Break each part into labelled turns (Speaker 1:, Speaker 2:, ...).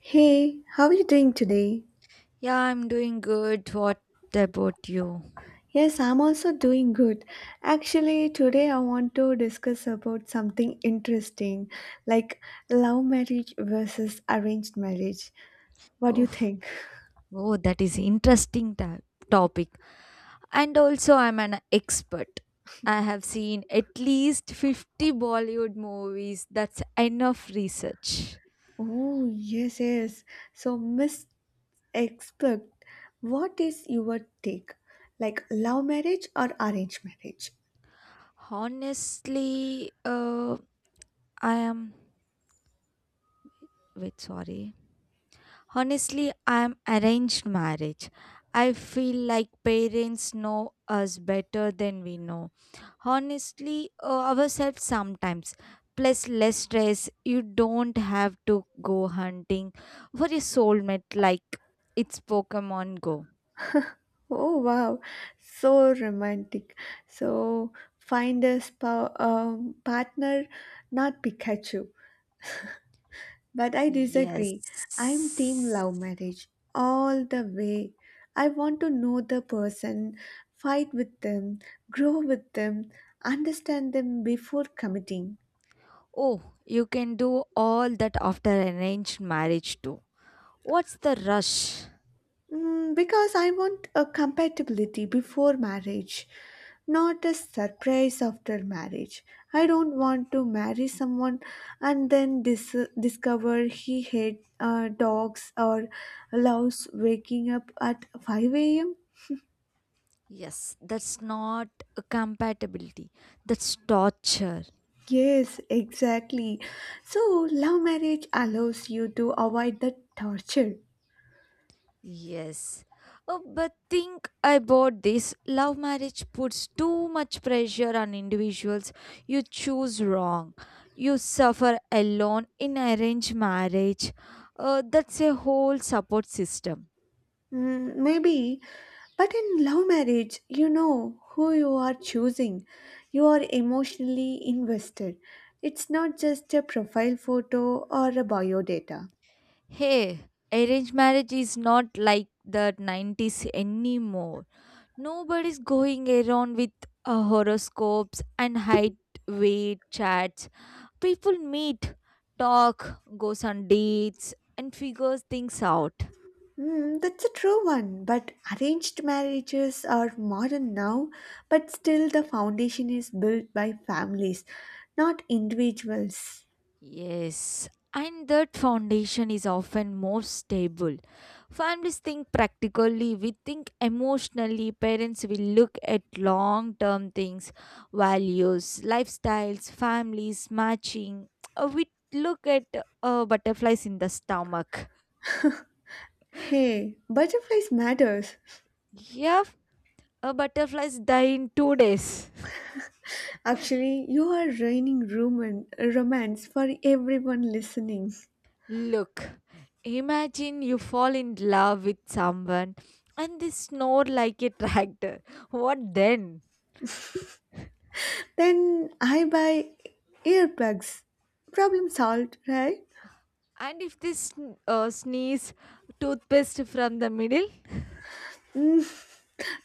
Speaker 1: Hey, how are you doing today?
Speaker 2: Yeah, I'm doing good. What about you?
Speaker 1: Yes, I'm also doing good. Actually, today I want to discuss about something interesting, like love marriage versus arranged marriage. What do you
Speaker 2: Oh,
Speaker 1: think?
Speaker 2: oh, that is interesting topic. And also I'm an expert. I have seen at least 50 Bollywood movies. That's enough research.
Speaker 1: Oh, yes, yes. So, Miss Expert, what is your take? Like love marriage or arranged marriage?
Speaker 2: Honestly, I am wait, sorry. Honestly, I'm arranged marriage. I feel like parents know us better than we know. Honestly, ourselves sometimes. Plus, less stress. You don't have to go hunting for a soulmate like it's Pokemon Go.
Speaker 1: Oh, wow. So romantic. So, find a partner, not Pikachu. But I
Speaker 2: Yes.
Speaker 1: disagree. I'm team love marriage all the way. I want to know the person, fight with them, grow with them, understand them before committing.
Speaker 2: Oh, you can do all that after arranged marriage too. What's the rush?
Speaker 1: Because I want a compatibility before marriage, not a surprise after marriage. I don't want to marry someone and then discover he hates dogs or loves waking up at 5 a.m.
Speaker 2: Yes, that's not a compatibility. That's torture.
Speaker 1: Yes, exactly. So, love marriage allows you to avoid the torture.
Speaker 2: Yes. Oh, but think about this. Love marriage puts too much pressure on individuals. You choose wrong. You suffer alone in arranged marriage. That's a whole support system.
Speaker 1: Mm, maybe. But in love marriage, you know who you are choosing. You are emotionally invested. It's not just a profile photo or a bio data.
Speaker 2: Hey, arranged marriage is not like the 90s anymore. Nobody's going around with horoscopes and height, weight charts. People meet, talk, goes on dates, and figures things out.
Speaker 1: That's a true one, but arranged marriages are modern now, but still the foundation is built by families, not individuals.
Speaker 2: Yes, and that foundation is often more stable. Families think practically, we think emotionally, parents will look at long term things, values, lifestyles, families, matching. We look at butterflies in the stomach.
Speaker 1: Hey, butterflies matters.
Speaker 2: Yeah, a butterflies die in 2 days.
Speaker 1: Actually, you are raining romance for everyone listening.
Speaker 2: Look, imagine you fall in love with someone and they snore like a tractor. What then?
Speaker 1: Then I buy earplugs. Problem solved, right?
Speaker 2: And if this sneeze toothpaste from the middle?
Speaker 1: Mm,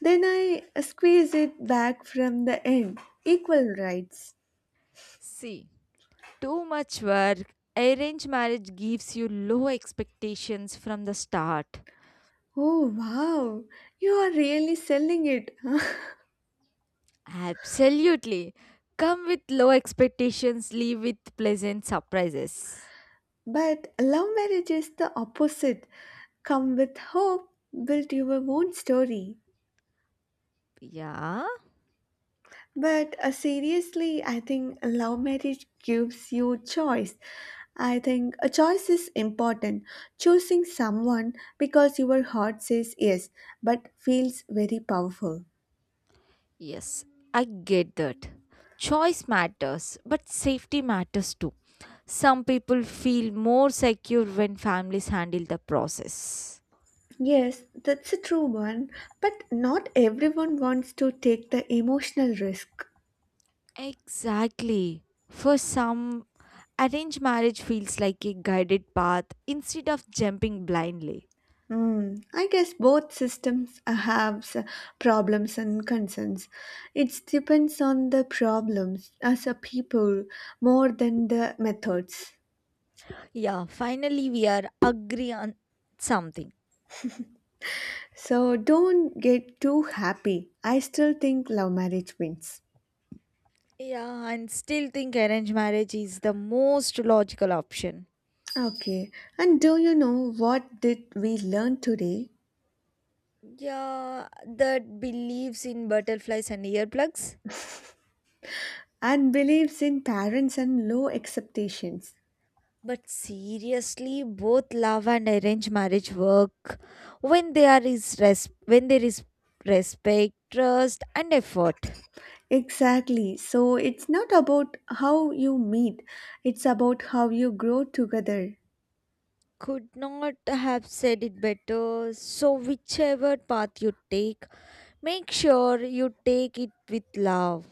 Speaker 1: then I squeeze it back from the end. Equal rights.
Speaker 2: See, too much work. Arranged marriage gives you low expectations from the start.
Speaker 1: Oh wow, you are really selling it.
Speaker 2: Absolutely. Come with low expectations, leave with pleasant surprises.
Speaker 1: But love marriage is the opposite. Come with hope, build your own story.
Speaker 2: Yeah,
Speaker 1: But seriously, I think love marriage gives you choice. I think a choice is important. Choosing someone because your heart says yes, but feels very powerful.
Speaker 2: yes, I get that. Choice matters, but safety matters too. Some people feel more secure when families handle the process.
Speaker 1: Yes, that's a true one, but not everyone wants to take the emotional risk.
Speaker 2: Exactly. For some, arranged marriage feels like a guided path instead of jumping blindly.
Speaker 1: Hmm, I guess both systems have problems and concerns. It depends on the problems as a people more than the methods.
Speaker 2: Yeah, finally we are agree on something.
Speaker 1: So don't get too happy. I still think love marriage wins.
Speaker 2: Yeah, and still think arranged marriage is the most logical option.
Speaker 1: Okay, and do you know what did we learn today?
Speaker 2: Yeah, that believes in butterflies and earplugs.
Speaker 1: Unbeliefs in parents and low expectations.
Speaker 2: But seriously, both love and arranged marriage work when there is when there is respect, trust, and effort.
Speaker 1: Exactly. So it's not about how you meet, it's about how you grow together.
Speaker 2: Could not have said it better. So, whichever path you take, make sure you take it with love.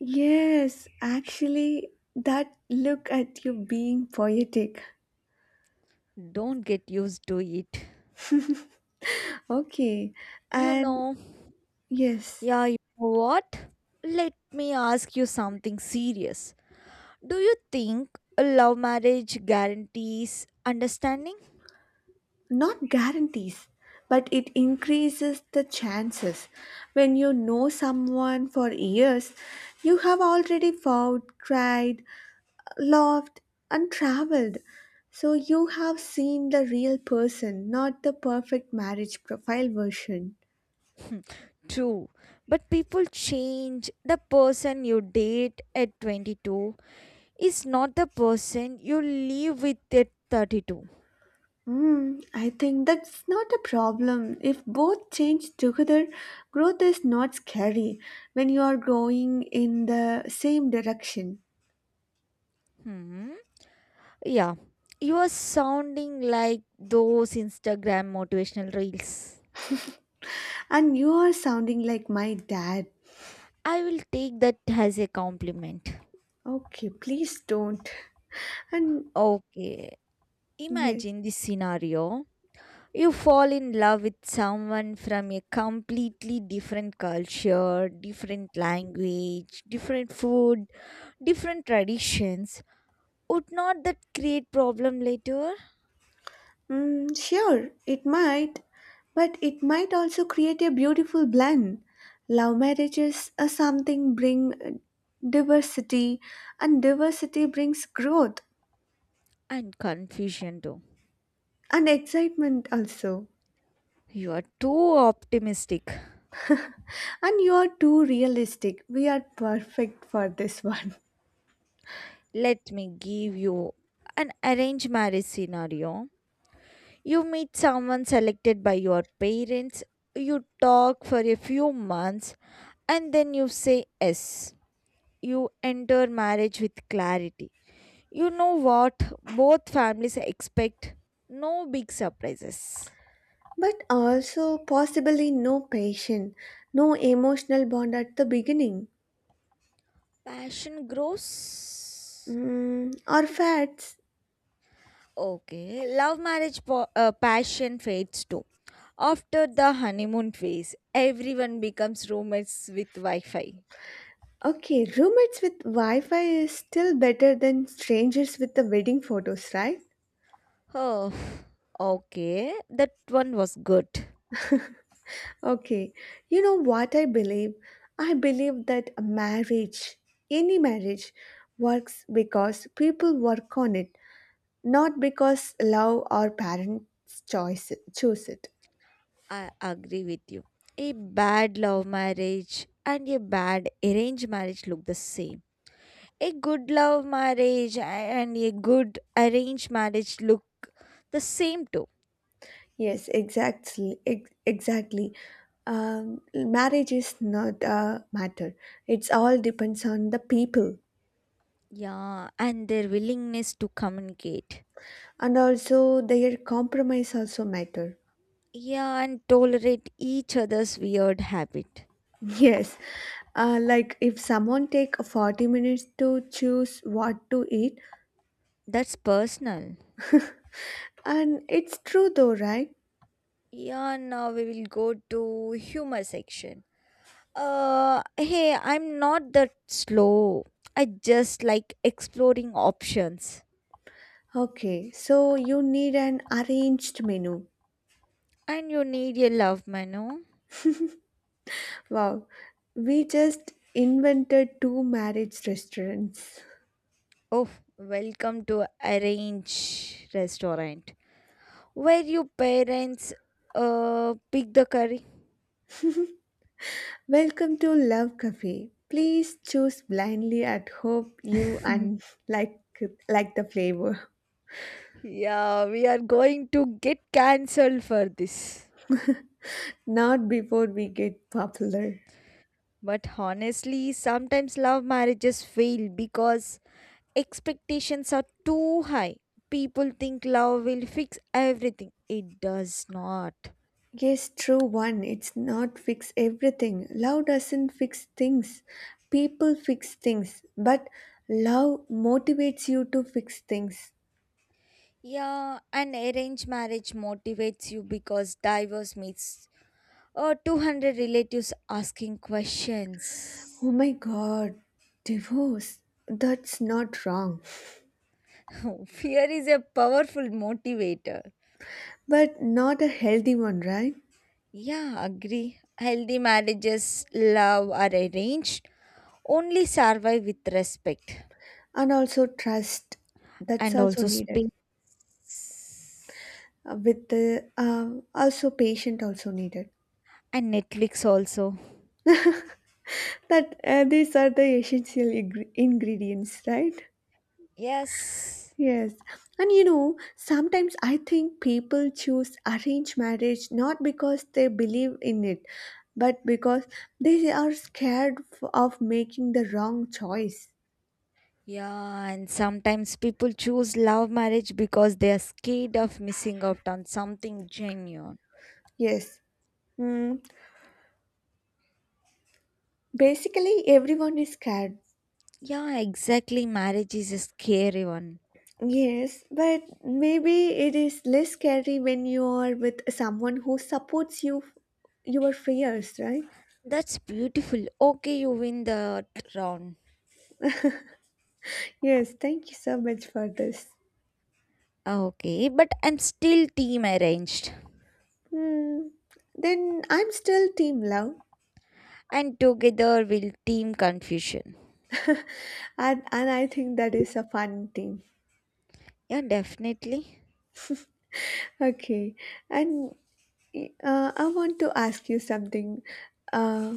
Speaker 1: Yes, actually, that look at you being poetic.
Speaker 2: Don't get used to it.
Speaker 1: Okay,
Speaker 2: You
Speaker 1: and
Speaker 2: know,
Speaker 1: yes.
Speaker 2: yeah, you know what? Let me ask you something serious. Do you think a love marriage guarantees understanding?
Speaker 1: Not guarantees, but it increases the chances. When you know someone for years, you have already fought, cried, laughed, and traveled, so you have seen the real person, not the perfect marriage profile version.
Speaker 2: Hmm, true, but people change. The person you date at 22 is not the person you live with at 32.
Speaker 1: Hmm, I think that's not a problem. If both change together, growth is not scary when you are going in the same direction.
Speaker 2: Hmm. Yeah. You are sounding like those Instagram motivational reels.
Speaker 1: And you are sounding like my dad.
Speaker 2: I will take that as a compliment.
Speaker 1: Okay, please don't. And
Speaker 2: Okay.
Speaker 1: yeah,
Speaker 2: Imagine this scenario. You fall in love with someone from a completely different culture, different language, different food, different traditions, would not that create problem later?
Speaker 1: sure, it might, but it might also create a beautiful blend. Love marriages are something bring diversity, and diversity brings growth
Speaker 2: And confusion too.
Speaker 1: and excitement also.
Speaker 2: You are too optimistic.
Speaker 1: And you are too realistic. We are perfect for this one.
Speaker 2: Let me give you an arranged marriage scenario. You meet someone selected by your parents, you talk for a few months, and then you say yes. You enter marriage with clarity. You know what both families expect. No big surprises.
Speaker 1: But also possibly no passion, no emotional bond at the beginning.
Speaker 2: Passion grows.
Speaker 1: Mm, or fats.
Speaker 2: Okay, love marriage passion fades too. After the honeymoon phase, everyone becomes roommates with Wi Fi.
Speaker 1: Okay, roommates with Wi Fi is still better than strangers with the wedding photos, right?
Speaker 2: Oh, okay, that one was good.
Speaker 1: Okay, you know what I believe? I believe that a marriage, any marriage, works because people work on it, not because love or parents choice choose it.
Speaker 2: I agree with you. A bad love marriage and a bad arranged marriage look the same. A good love marriage and a good arranged marriage look the same too.
Speaker 1: Yes, exactly, exactly. Marriage is not a matter. It's all depends on the people.
Speaker 2: Yeah, and their willingness to communicate.
Speaker 1: And also their compromise also matter.
Speaker 2: Yeah, and tolerate each other's weird habit.
Speaker 1: Yes, like if someone take 40 minutes to choose what to eat.
Speaker 2: That's personal.
Speaker 1: And it's true though, right?
Speaker 2: Yeah, now we will go to humor section. Hey, I'm not that slow. I just like exploring options.
Speaker 1: Okay, so you need an arranged menu.
Speaker 2: And you need your love menu.
Speaker 1: Wow, we just invented two marriage restaurants.
Speaker 2: Oh, welcome to Arrange Restaurant, where your parents pick the curry.
Speaker 1: Welcome to love cafe, please choose blindly and hope you and like like the flavor.
Speaker 2: Yeah, we are going to get cancelled for this.
Speaker 1: Not before we get popular.
Speaker 2: But honestly, sometimes love marriages fail because expectations are too high. People think love will fix everything. It does not.
Speaker 1: Yes, true one. It's not fix everything. Love doesn't fix things. People fix things, but love motivates you to fix things.
Speaker 2: Yeah, and arranged marriage motivates you because divorce meets or 200 relatives asking questions.
Speaker 1: Oh my god, divorce. That's not wrong,
Speaker 2: Fear is a powerful motivator.
Speaker 1: but not a healthy one, right?
Speaker 2: Yeah, agree. Healthy marriages, love are arranged, only survive with respect.
Speaker 1: And also trust. That's
Speaker 2: And
Speaker 1: also
Speaker 2: also
Speaker 1: needed.
Speaker 2: space
Speaker 1: With the also patient also needed.
Speaker 2: and Netflix also.
Speaker 1: That these are the essential ingredients, right?
Speaker 2: Yes.
Speaker 1: Yes, and you know, sometimes I think people choose arranged marriage not because they believe in it, but because they are scared of making the wrong choice.
Speaker 2: Yeah, and sometimes people choose love marriage because they are scared of missing out on something genuine.
Speaker 1: Yes, mm, basically, everyone is scared.
Speaker 2: Yeah, exactly. Marriage is a scary one.
Speaker 1: Yes, but maybe it is less scary when you are with someone who supports you, your fears, right?
Speaker 2: That's beautiful. Okay, you win the round.
Speaker 1: Yes, thank you so much for this.
Speaker 2: Okay, but I'm still team arranged.
Speaker 1: Hmm. Then I'm still team love.
Speaker 2: And together we'll team confusion.
Speaker 1: And I think that is a fun thing.
Speaker 2: Yeah, definitely.
Speaker 1: Okay, and I want to ask you something. Uh,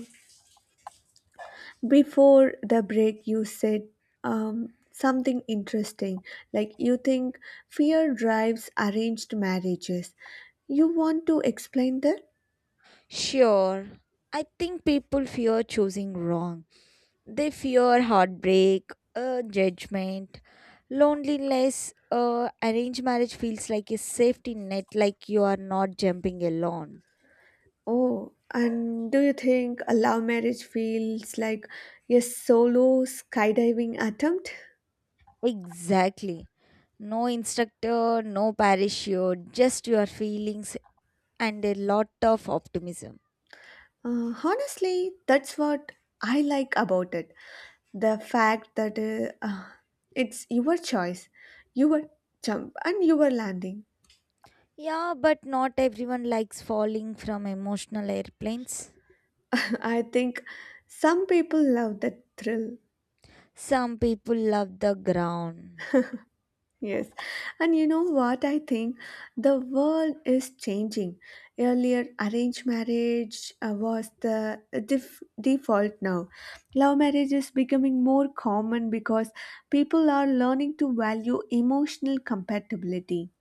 Speaker 1: Before the break, you said something interesting. Like you think fear drives arranged marriages. You want to explain that?
Speaker 2: Sure. I think people fear choosing wrong. They fear heartbreak, judgment, loneliness. Arranged marriage feels like a safety net, like you are not jumping alone.
Speaker 1: Oh, and do you think a love marriage feels like a solo skydiving attempt?
Speaker 2: Exactly. No instructor, no parachute, just your feelings and a lot of optimism.
Speaker 1: Honestly, that's what I like about it. The fact that it's your choice, your jump, and your landing.
Speaker 2: Yeah, but not everyone likes falling from emotional airplanes.
Speaker 1: I think some people love the thrill.
Speaker 2: Some people love the ground.
Speaker 1: Yes. And you know what I think? The world is changing. Earlier, arranged marriage was the default now. Love marriage is becoming more common because people are learning to value emotional compatibility.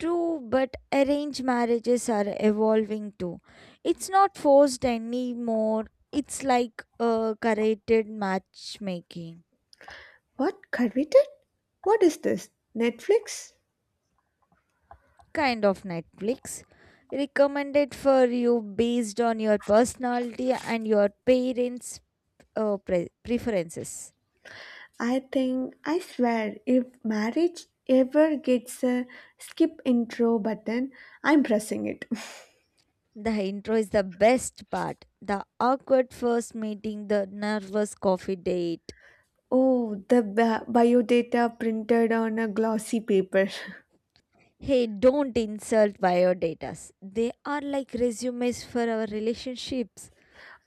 Speaker 2: True, but arranged marriages are evolving too. It's not forced anymore. It's like a curated matchmaking,
Speaker 1: What? Coveted? What is this? Netflix?
Speaker 2: kind of Netflix. Recommended for you based on your personality and your parents' preferences.
Speaker 1: I think, I swear, if marriage ever gets a skip intro button, I'm pressing it.
Speaker 2: The intro is the best part. The awkward first meeting, the nervous coffee date.
Speaker 1: Oh, the biodata printed on a glossy paper.
Speaker 2: Hey, don't insult biodatas. They are like resumes for our relationships.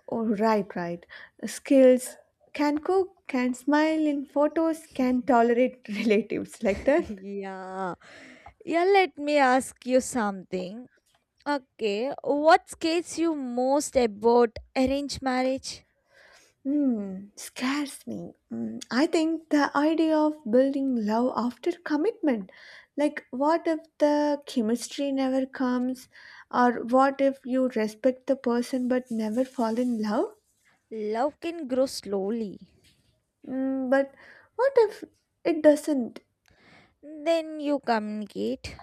Speaker 1: Oh, right, right. Skills can cook, can smile in photos, can tolerate relatives like that.
Speaker 2: Yeah. Yeah, let me ask you something. Okay, what scares you most about arranged marriage?
Speaker 1: Hmm, scares me. Hmm, I think the idea of building love after commitment. Like, what if the chemistry never comes? Or what if you respect the person but never fall in love?
Speaker 2: Love can grow slowly.
Speaker 1: Hmm, but what if it doesn't?
Speaker 2: Then you communicate.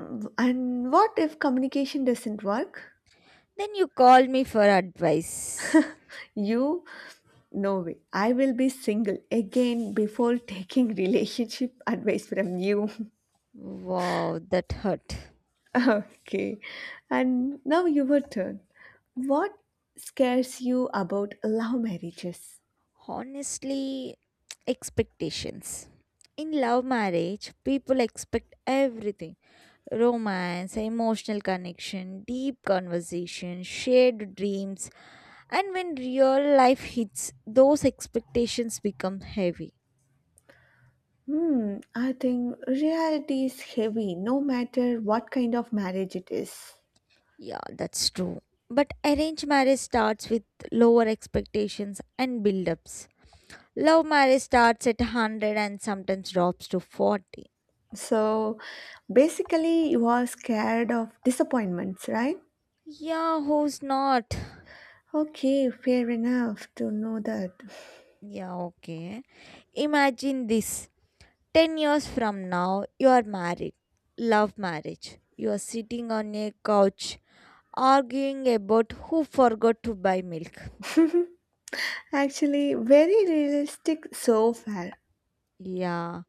Speaker 1: Hmm, and what if communication doesn't work?
Speaker 2: Then you call me for advice.
Speaker 1: You? No way. I will be single again before taking relationship advice from you.
Speaker 2: Wow, that hurt.
Speaker 1: Okay, and now your turn. What scares you about love marriages?
Speaker 2: Honestly, expectations. In love marriage, people expect everything romance, emotional connection, deep conversation, shared dreams, and when real life hits, those expectations become heavy.
Speaker 1: Hmm, I think reality is heavy no matter what kind of marriage it is.
Speaker 2: Yeah, that's true. But arranged marriage starts with lower expectations and build-ups. Love marriage starts at 100 and sometimes drops to 40.
Speaker 1: So basically, you are scared of disappointments, right?
Speaker 2: Yeah, who's not?
Speaker 1: Okay, fair enough to know that.
Speaker 2: Yeah, okay. Imagine this. 10 years from now, you are married. Love marriage. You are sitting on a couch arguing about who forgot to buy milk.
Speaker 1: Actually, very realistic so far.
Speaker 2: Yeah.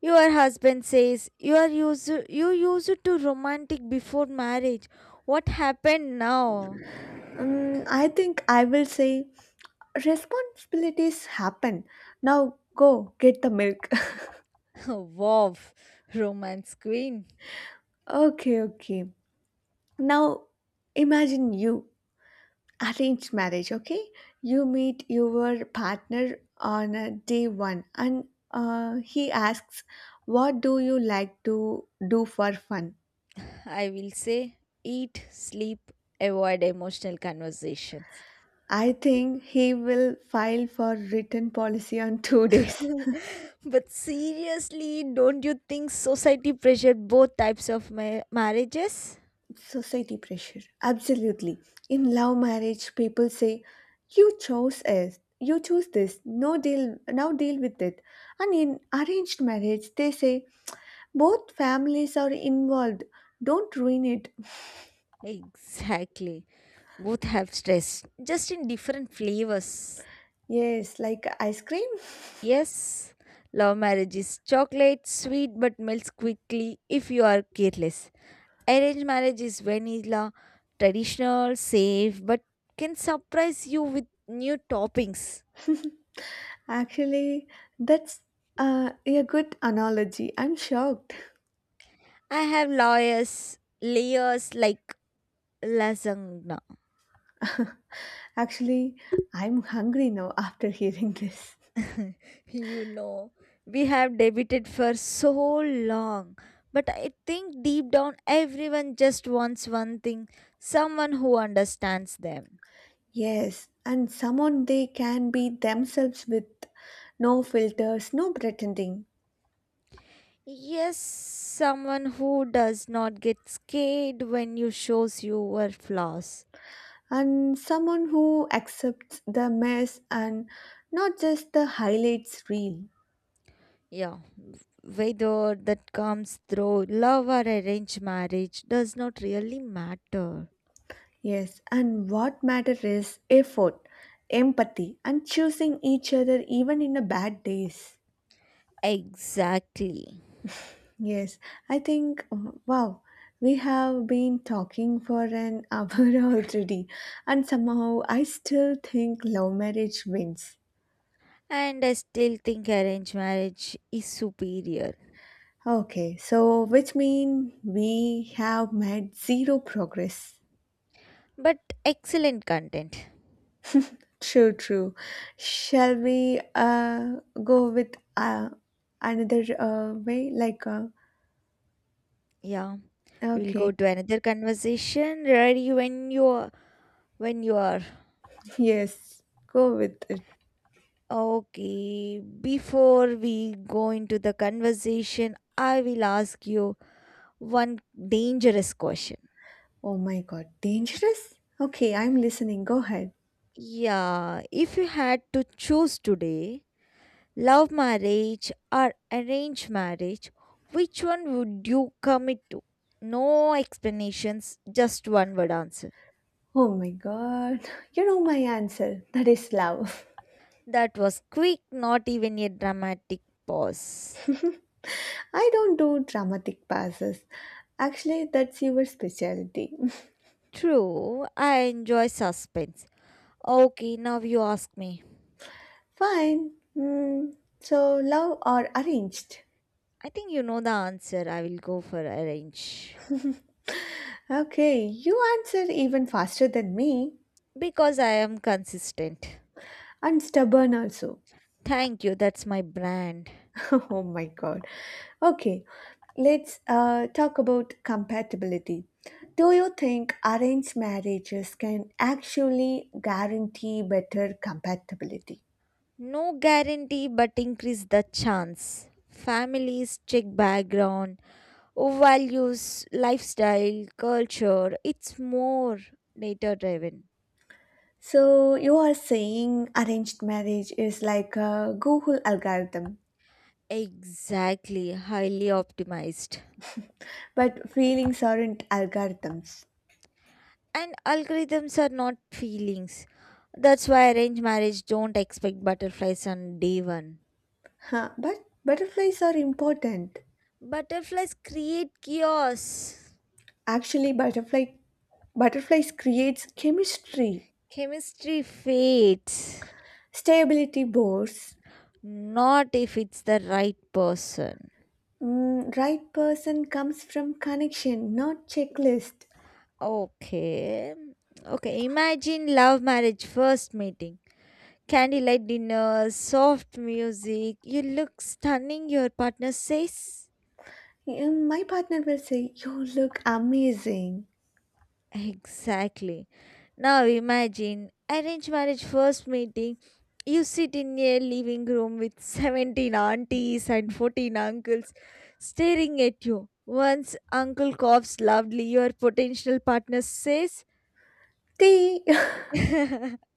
Speaker 2: Your husband says you are used you used to romantic before marriage. What happened now?
Speaker 1: I think I will say responsibilities happen. Now go get the milk.
Speaker 2: Wow, romance queen.
Speaker 1: Okay, okay. Now imagine you arranged marriage, okay? You meet your partner on day one and he asks, what do you like to do for fun?
Speaker 2: I will say eat, sleep, avoid emotional conversations.
Speaker 1: I think he will file for written policy on 2 days.
Speaker 2: But seriously, don't you think society pressured both types of marriages?
Speaker 1: Society pressure. Absolutely. In love marriage, people say, "You chose it. You choose this. No deal. Now deal with it." And in arranged marriage, they say, "Both families are involved. Don't ruin it."
Speaker 2: Exactly. Both have stress, just in different flavors.
Speaker 1: Yes, like ice cream.
Speaker 2: Yes, love marriage is chocolate, sweet but melts quickly if you are careless. Arranged marriage is vanilla, traditional, safe, but can surprise you with new toppings.
Speaker 1: Actually, that's a good analogy. I'm shocked.
Speaker 2: I have layers, layers like lasagna.
Speaker 1: Actually, I'm hungry now after hearing this.
Speaker 2: You know, we have debated for so long. But I think deep down, everyone just wants one thing someone who understands them.
Speaker 1: Yes, and someone they can be themselves with, no filters, no pretending,
Speaker 2: Yes, someone who does not get scared when you shows your flaws.
Speaker 1: and someone who accepts the mess and not just the highlights reel.
Speaker 2: Yeah, whether that comes through love or arranged marriage does not really matter.
Speaker 1: Yes, and what matters is effort, empathy, and choosing each other even in the bad days.
Speaker 2: Exactly.
Speaker 1: Yes, I think wow, we have been talking for an hour already, and somehow I still think love marriage wins.
Speaker 2: And I still think arranged marriage is superior
Speaker 1: Okay, so which mean we have made zero progress.
Speaker 2: but excellent content.
Speaker 1: True, true. Shall we go with another way? Like
Speaker 2: Yeah, we'll
Speaker 1: okay,
Speaker 2: go to another conversation. Ready when you are, when you are.
Speaker 1: yes, go with it.
Speaker 2: Okay, before we go into the conversation, I will ask you one dangerous question.
Speaker 1: Oh my god, dangerous? Okay, I'm listening. Go ahead.
Speaker 2: Yeah, if you had to choose today, love marriage or arranged marriage, which one would you commit to? No explanations, just one word answer.
Speaker 1: Oh my god. You know my answer. That is love.
Speaker 2: That was quick, not even a dramatic pause.
Speaker 1: I don't do dramatic passes. Actually, that's your specialty.
Speaker 2: True, I enjoy suspense. Okay, now you ask me.
Speaker 1: Fine. So, love or arranged?
Speaker 2: I think you know the answer. I will go for arrange.
Speaker 1: Okay, you answer even faster than me.
Speaker 2: Because I am consistent.
Speaker 1: I'm stubborn also.
Speaker 2: Thank you, that's my brand.
Speaker 1: Oh my god. Okay, let's talk about compatibility. Do you think arranged marriages can actually guarantee better compatibility?
Speaker 2: No guarantee, but increase the chance. Families check background, values, lifestyle, culture. It's more data driven.
Speaker 1: So, you are saying arranged marriage is like a Google algorithm,
Speaker 2: Exactly, highly optimized.
Speaker 1: but feelings aren't algorithms.
Speaker 2: And algorithms are not feelings, that's why arranged marriage don't expect butterflies on day one.
Speaker 1: Huh, but butterflies are important.
Speaker 2: Butterflies create chaos.
Speaker 1: Actually, butterfly butterflies creates chemistry.
Speaker 2: Chemistry fades
Speaker 1: Stability boards.
Speaker 2: not if it's the right person.
Speaker 1: Right person comes from connection, not checklist.
Speaker 2: Okay okay imagine love marriage first meeting, candlelight dinner, soft music, you look stunning, your partner says
Speaker 1: My partner will say, "You look amazing."
Speaker 2: exactly. Now imagine arranged marriage first meeting. You sit in a living room with 17 aunties and 14 uncles staring at you. Once uncle coughs loudly, your potential partner says,
Speaker 1: Tea.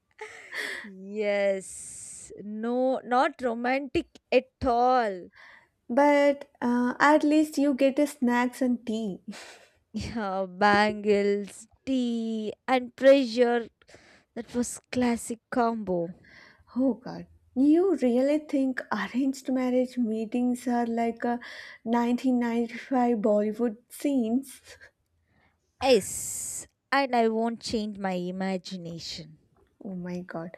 Speaker 2: yes, no, not romantic at all.
Speaker 1: But at least you get a snacks and tea.
Speaker 2: Yeah, bangles, tea, and pressure. That was classic combo.
Speaker 1: Oh God, you really think arranged marriage meetings are like a 1995 Bollywood scenes?
Speaker 2: Yes, and I won't change my imagination.
Speaker 1: Oh my god.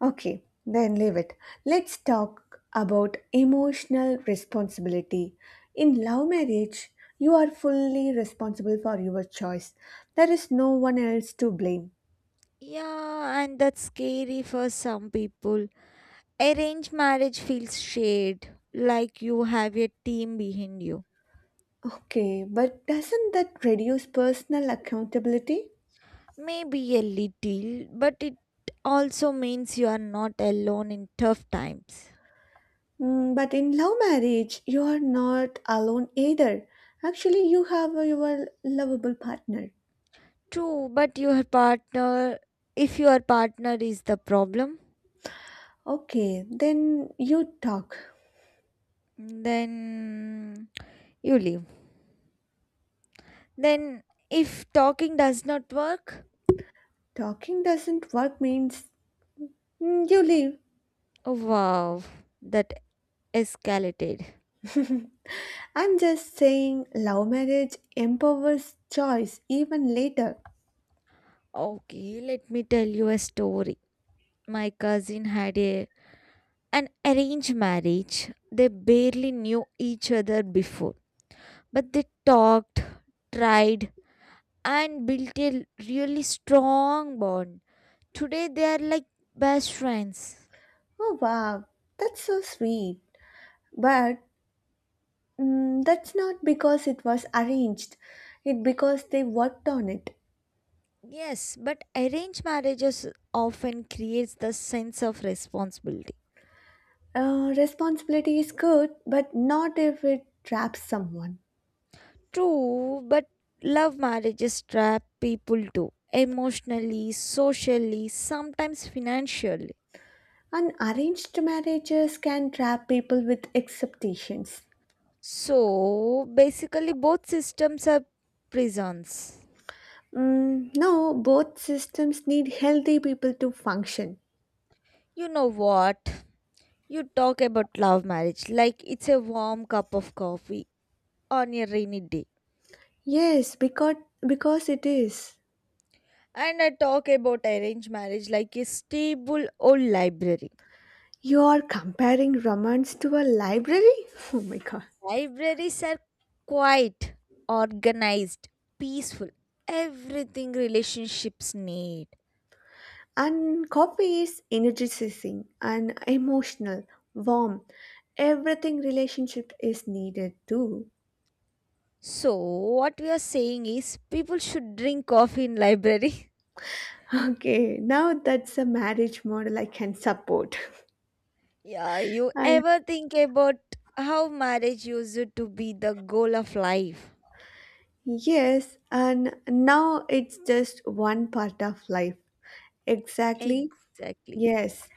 Speaker 1: Okay, then leave it. Let's talk about emotional responsibility. In love marriage, you are fully responsible for your choice. There is no one else to blame.
Speaker 2: Yeah, and that's scary for some people. Arranged marriage feels shared, like you have a team behind you.
Speaker 1: Okay, but doesn't that reduce personal accountability?
Speaker 2: Maybe a little, but it also means you are not alone in tough times.
Speaker 1: But in love marriage, you are not alone either. Actually, you have your lovable partner.
Speaker 2: True, but your partner, if your partner is the problem,
Speaker 1: Okay, then you talk.
Speaker 2: then you leave. Then, if talking does not work,
Speaker 1: Talking doesn't work means, you leave.
Speaker 2: oh, wow, that escalated.
Speaker 1: I'm just saying, love marriage empowers choice even later.
Speaker 2: Okay, let me tell you a story. My cousin had a an arranged marriage. They barely knew each other before, but they talked, tried, and built a really strong bond. Today they are like best friends.
Speaker 1: Oh wow, that's so sweet. But that's not because it was arranged. It because they worked on it.
Speaker 2: Yes, but arranged marriages often creates the sense of responsibility.
Speaker 1: Responsibility is good, but not if it traps someone.
Speaker 2: True, but love marriages trap people too, emotionally, socially, sometimes financially.
Speaker 1: Unarranged marriages can trap people with expectations.
Speaker 2: So basically, both systems are prisons.
Speaker 1: No, both systems need healthy people to function.
Speaker 2: You know what? You talk about love marriage like it's a warm cup of coffee on a rainy day.
Speaker 1: Yes, because it is.
Speaker 2: And I talk about arranged marriage like a stable old library.
Speaker 1: You are comparing romance to a library? Oh my god.
Speaker 2: Libraries are quiet, organized, peaceful, everything relationships need.
Speaker 1: And copy is energizing and emotional, warm. Everything relationship is needed too.
Speaker 2: So, what we are saying is people should drink coffee in library.
Speaker 1: Okay, now that's a marriage model I can support.
Speaker 2: Yeah, you
Speaker 1: I
Speaker 2: ever think about how marriage used to be the goal of life?
Speaker 1: yes, and now it's just one part of life. Exactly.
Speaker 2: Exactly.
Speaker 1: Yes,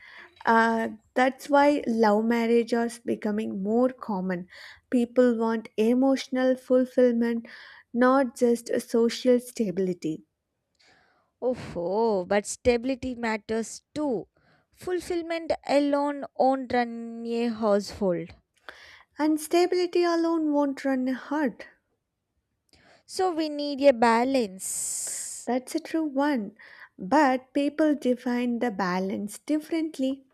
Speaker 1: uh, that's why love marriage is becoming more common. People want emotional fulfillment, not just a social stability.
Speaker 2: Oh, but stability matters too. Fulfillment alone won't run a household.
Speaker 1: And stability alone won't run a heart.
Speaker 2: So we need a balance.
Speaker 1: That's a true one. But people define the balance differently.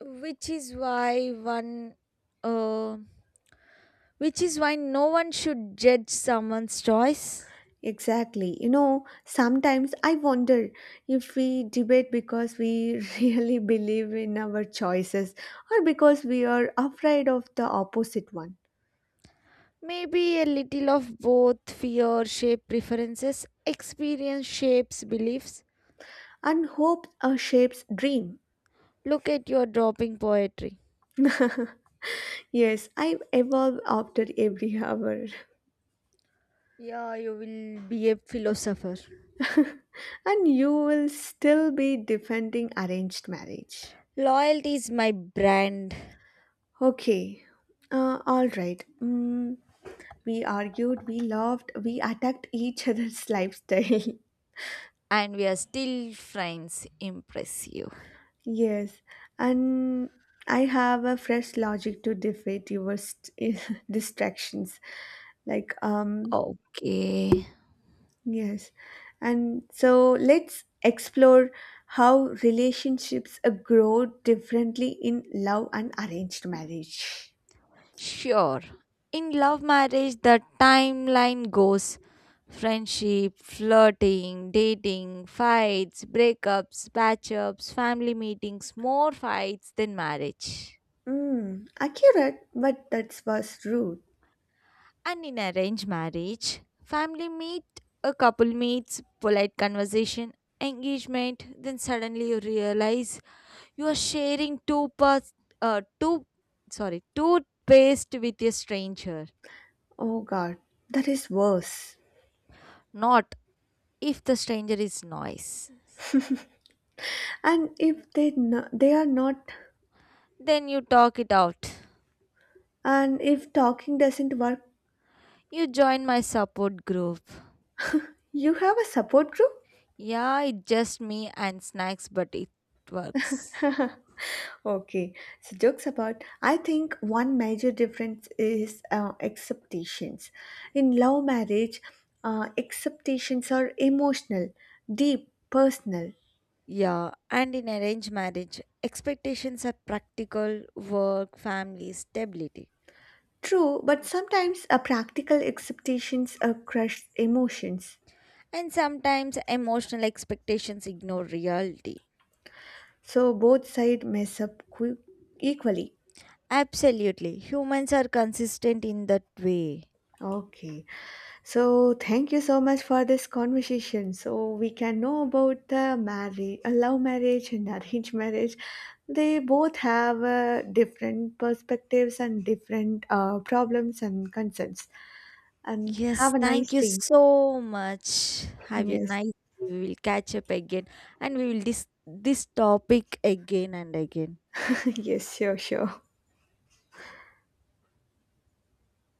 Speaker 2: which is why one uh, which is why no one should judge someone's choice.
Speaker 1: Exactly. You know, sometimes I wonder if we debate because we really believe in our choices or because we are afraid of the opposite one.
Speaker 2: Maybe a little of both fear shape preferences experience shapes beliefs.
Speaker 1: And hope shapes dream.
Speaker 2: Look at your dropping poetry.
Speaker 1: Yes, I evolve after every hour,
Speaker 2: Yeah, you will be a philosopher.
Speaker 1: and you will still be defending arranged marriage.
Speaker 2: Loyalty is my brand.
Speaker 1: Okay, all right. We argued, we laughed, we attacked each other's lifestyle.
Speaker 2: And we are still friends. Impressive.
Speaker 1: Yes, and I have a fresh logic to defeat your distractions. Like,
Speaker 2: Okay.
Speaker 1: yes. And so let's explore how relationships grow differently in love and arranged marriage.
Speaker 2: Sure. In love marriage, the timeline goes friendship, flirting, dating, fights, breakups, patch-ups, family meetings, more fights than marriage.
Speaker 1: Accurate, but that's was rude.
Speaker 2: And in arranged marriage, family meet, a couple meets, polite conversation, engagement, then suddenly you realize you are sharing two parts, uh, two, two paste with a stranger.
Speaker 1: Oh God, that is worse.
Speaker 2: Not if the stranger is nice,
Speaker 1: And if they no, they are not,
Speaker 2: then you talk it out.
Speaker 1: and if talking doesn't work,
Speaker 2: You join my support group.
Speaker 1: you have a support group.
Speaker 2: Yeah, it's just me and snacks, but it works.
Speaker 1: Okay, so jokes about. I think one major difference is acceptations. In love marriage, acceptations are emotional, deep, personal.
Speaker 2: Yeah, and in arranged marriage, expectations are practical, work, family, stability.
Speaker 1: True, but sometimes practical acceptations crush emotions.
Speaker 2: And sometimes emotional expectations ignore reality.
Speaker 1: So both sides mess up equally.
Speaker 2: Absolutely, humans are consistent in that way.
Speaker 1: Okay. So thank you so much for this conversation. So we can know about the marriage, love marriage and arranged marriage. They both have different perspectives and different problems and concerns. And have
Speaker 2: Yes,
Speaker 1: a
Speaker 2: thank
Speaker 1: nice
Speaker 2: you
Speaker 1: day.
Speaker 2: so much. Have a
Speaker 1: Yes.
Speaker 2: nice day. We will catch up again and we will dis this topic again and again.
Speaker 1: Yes, sure, sure.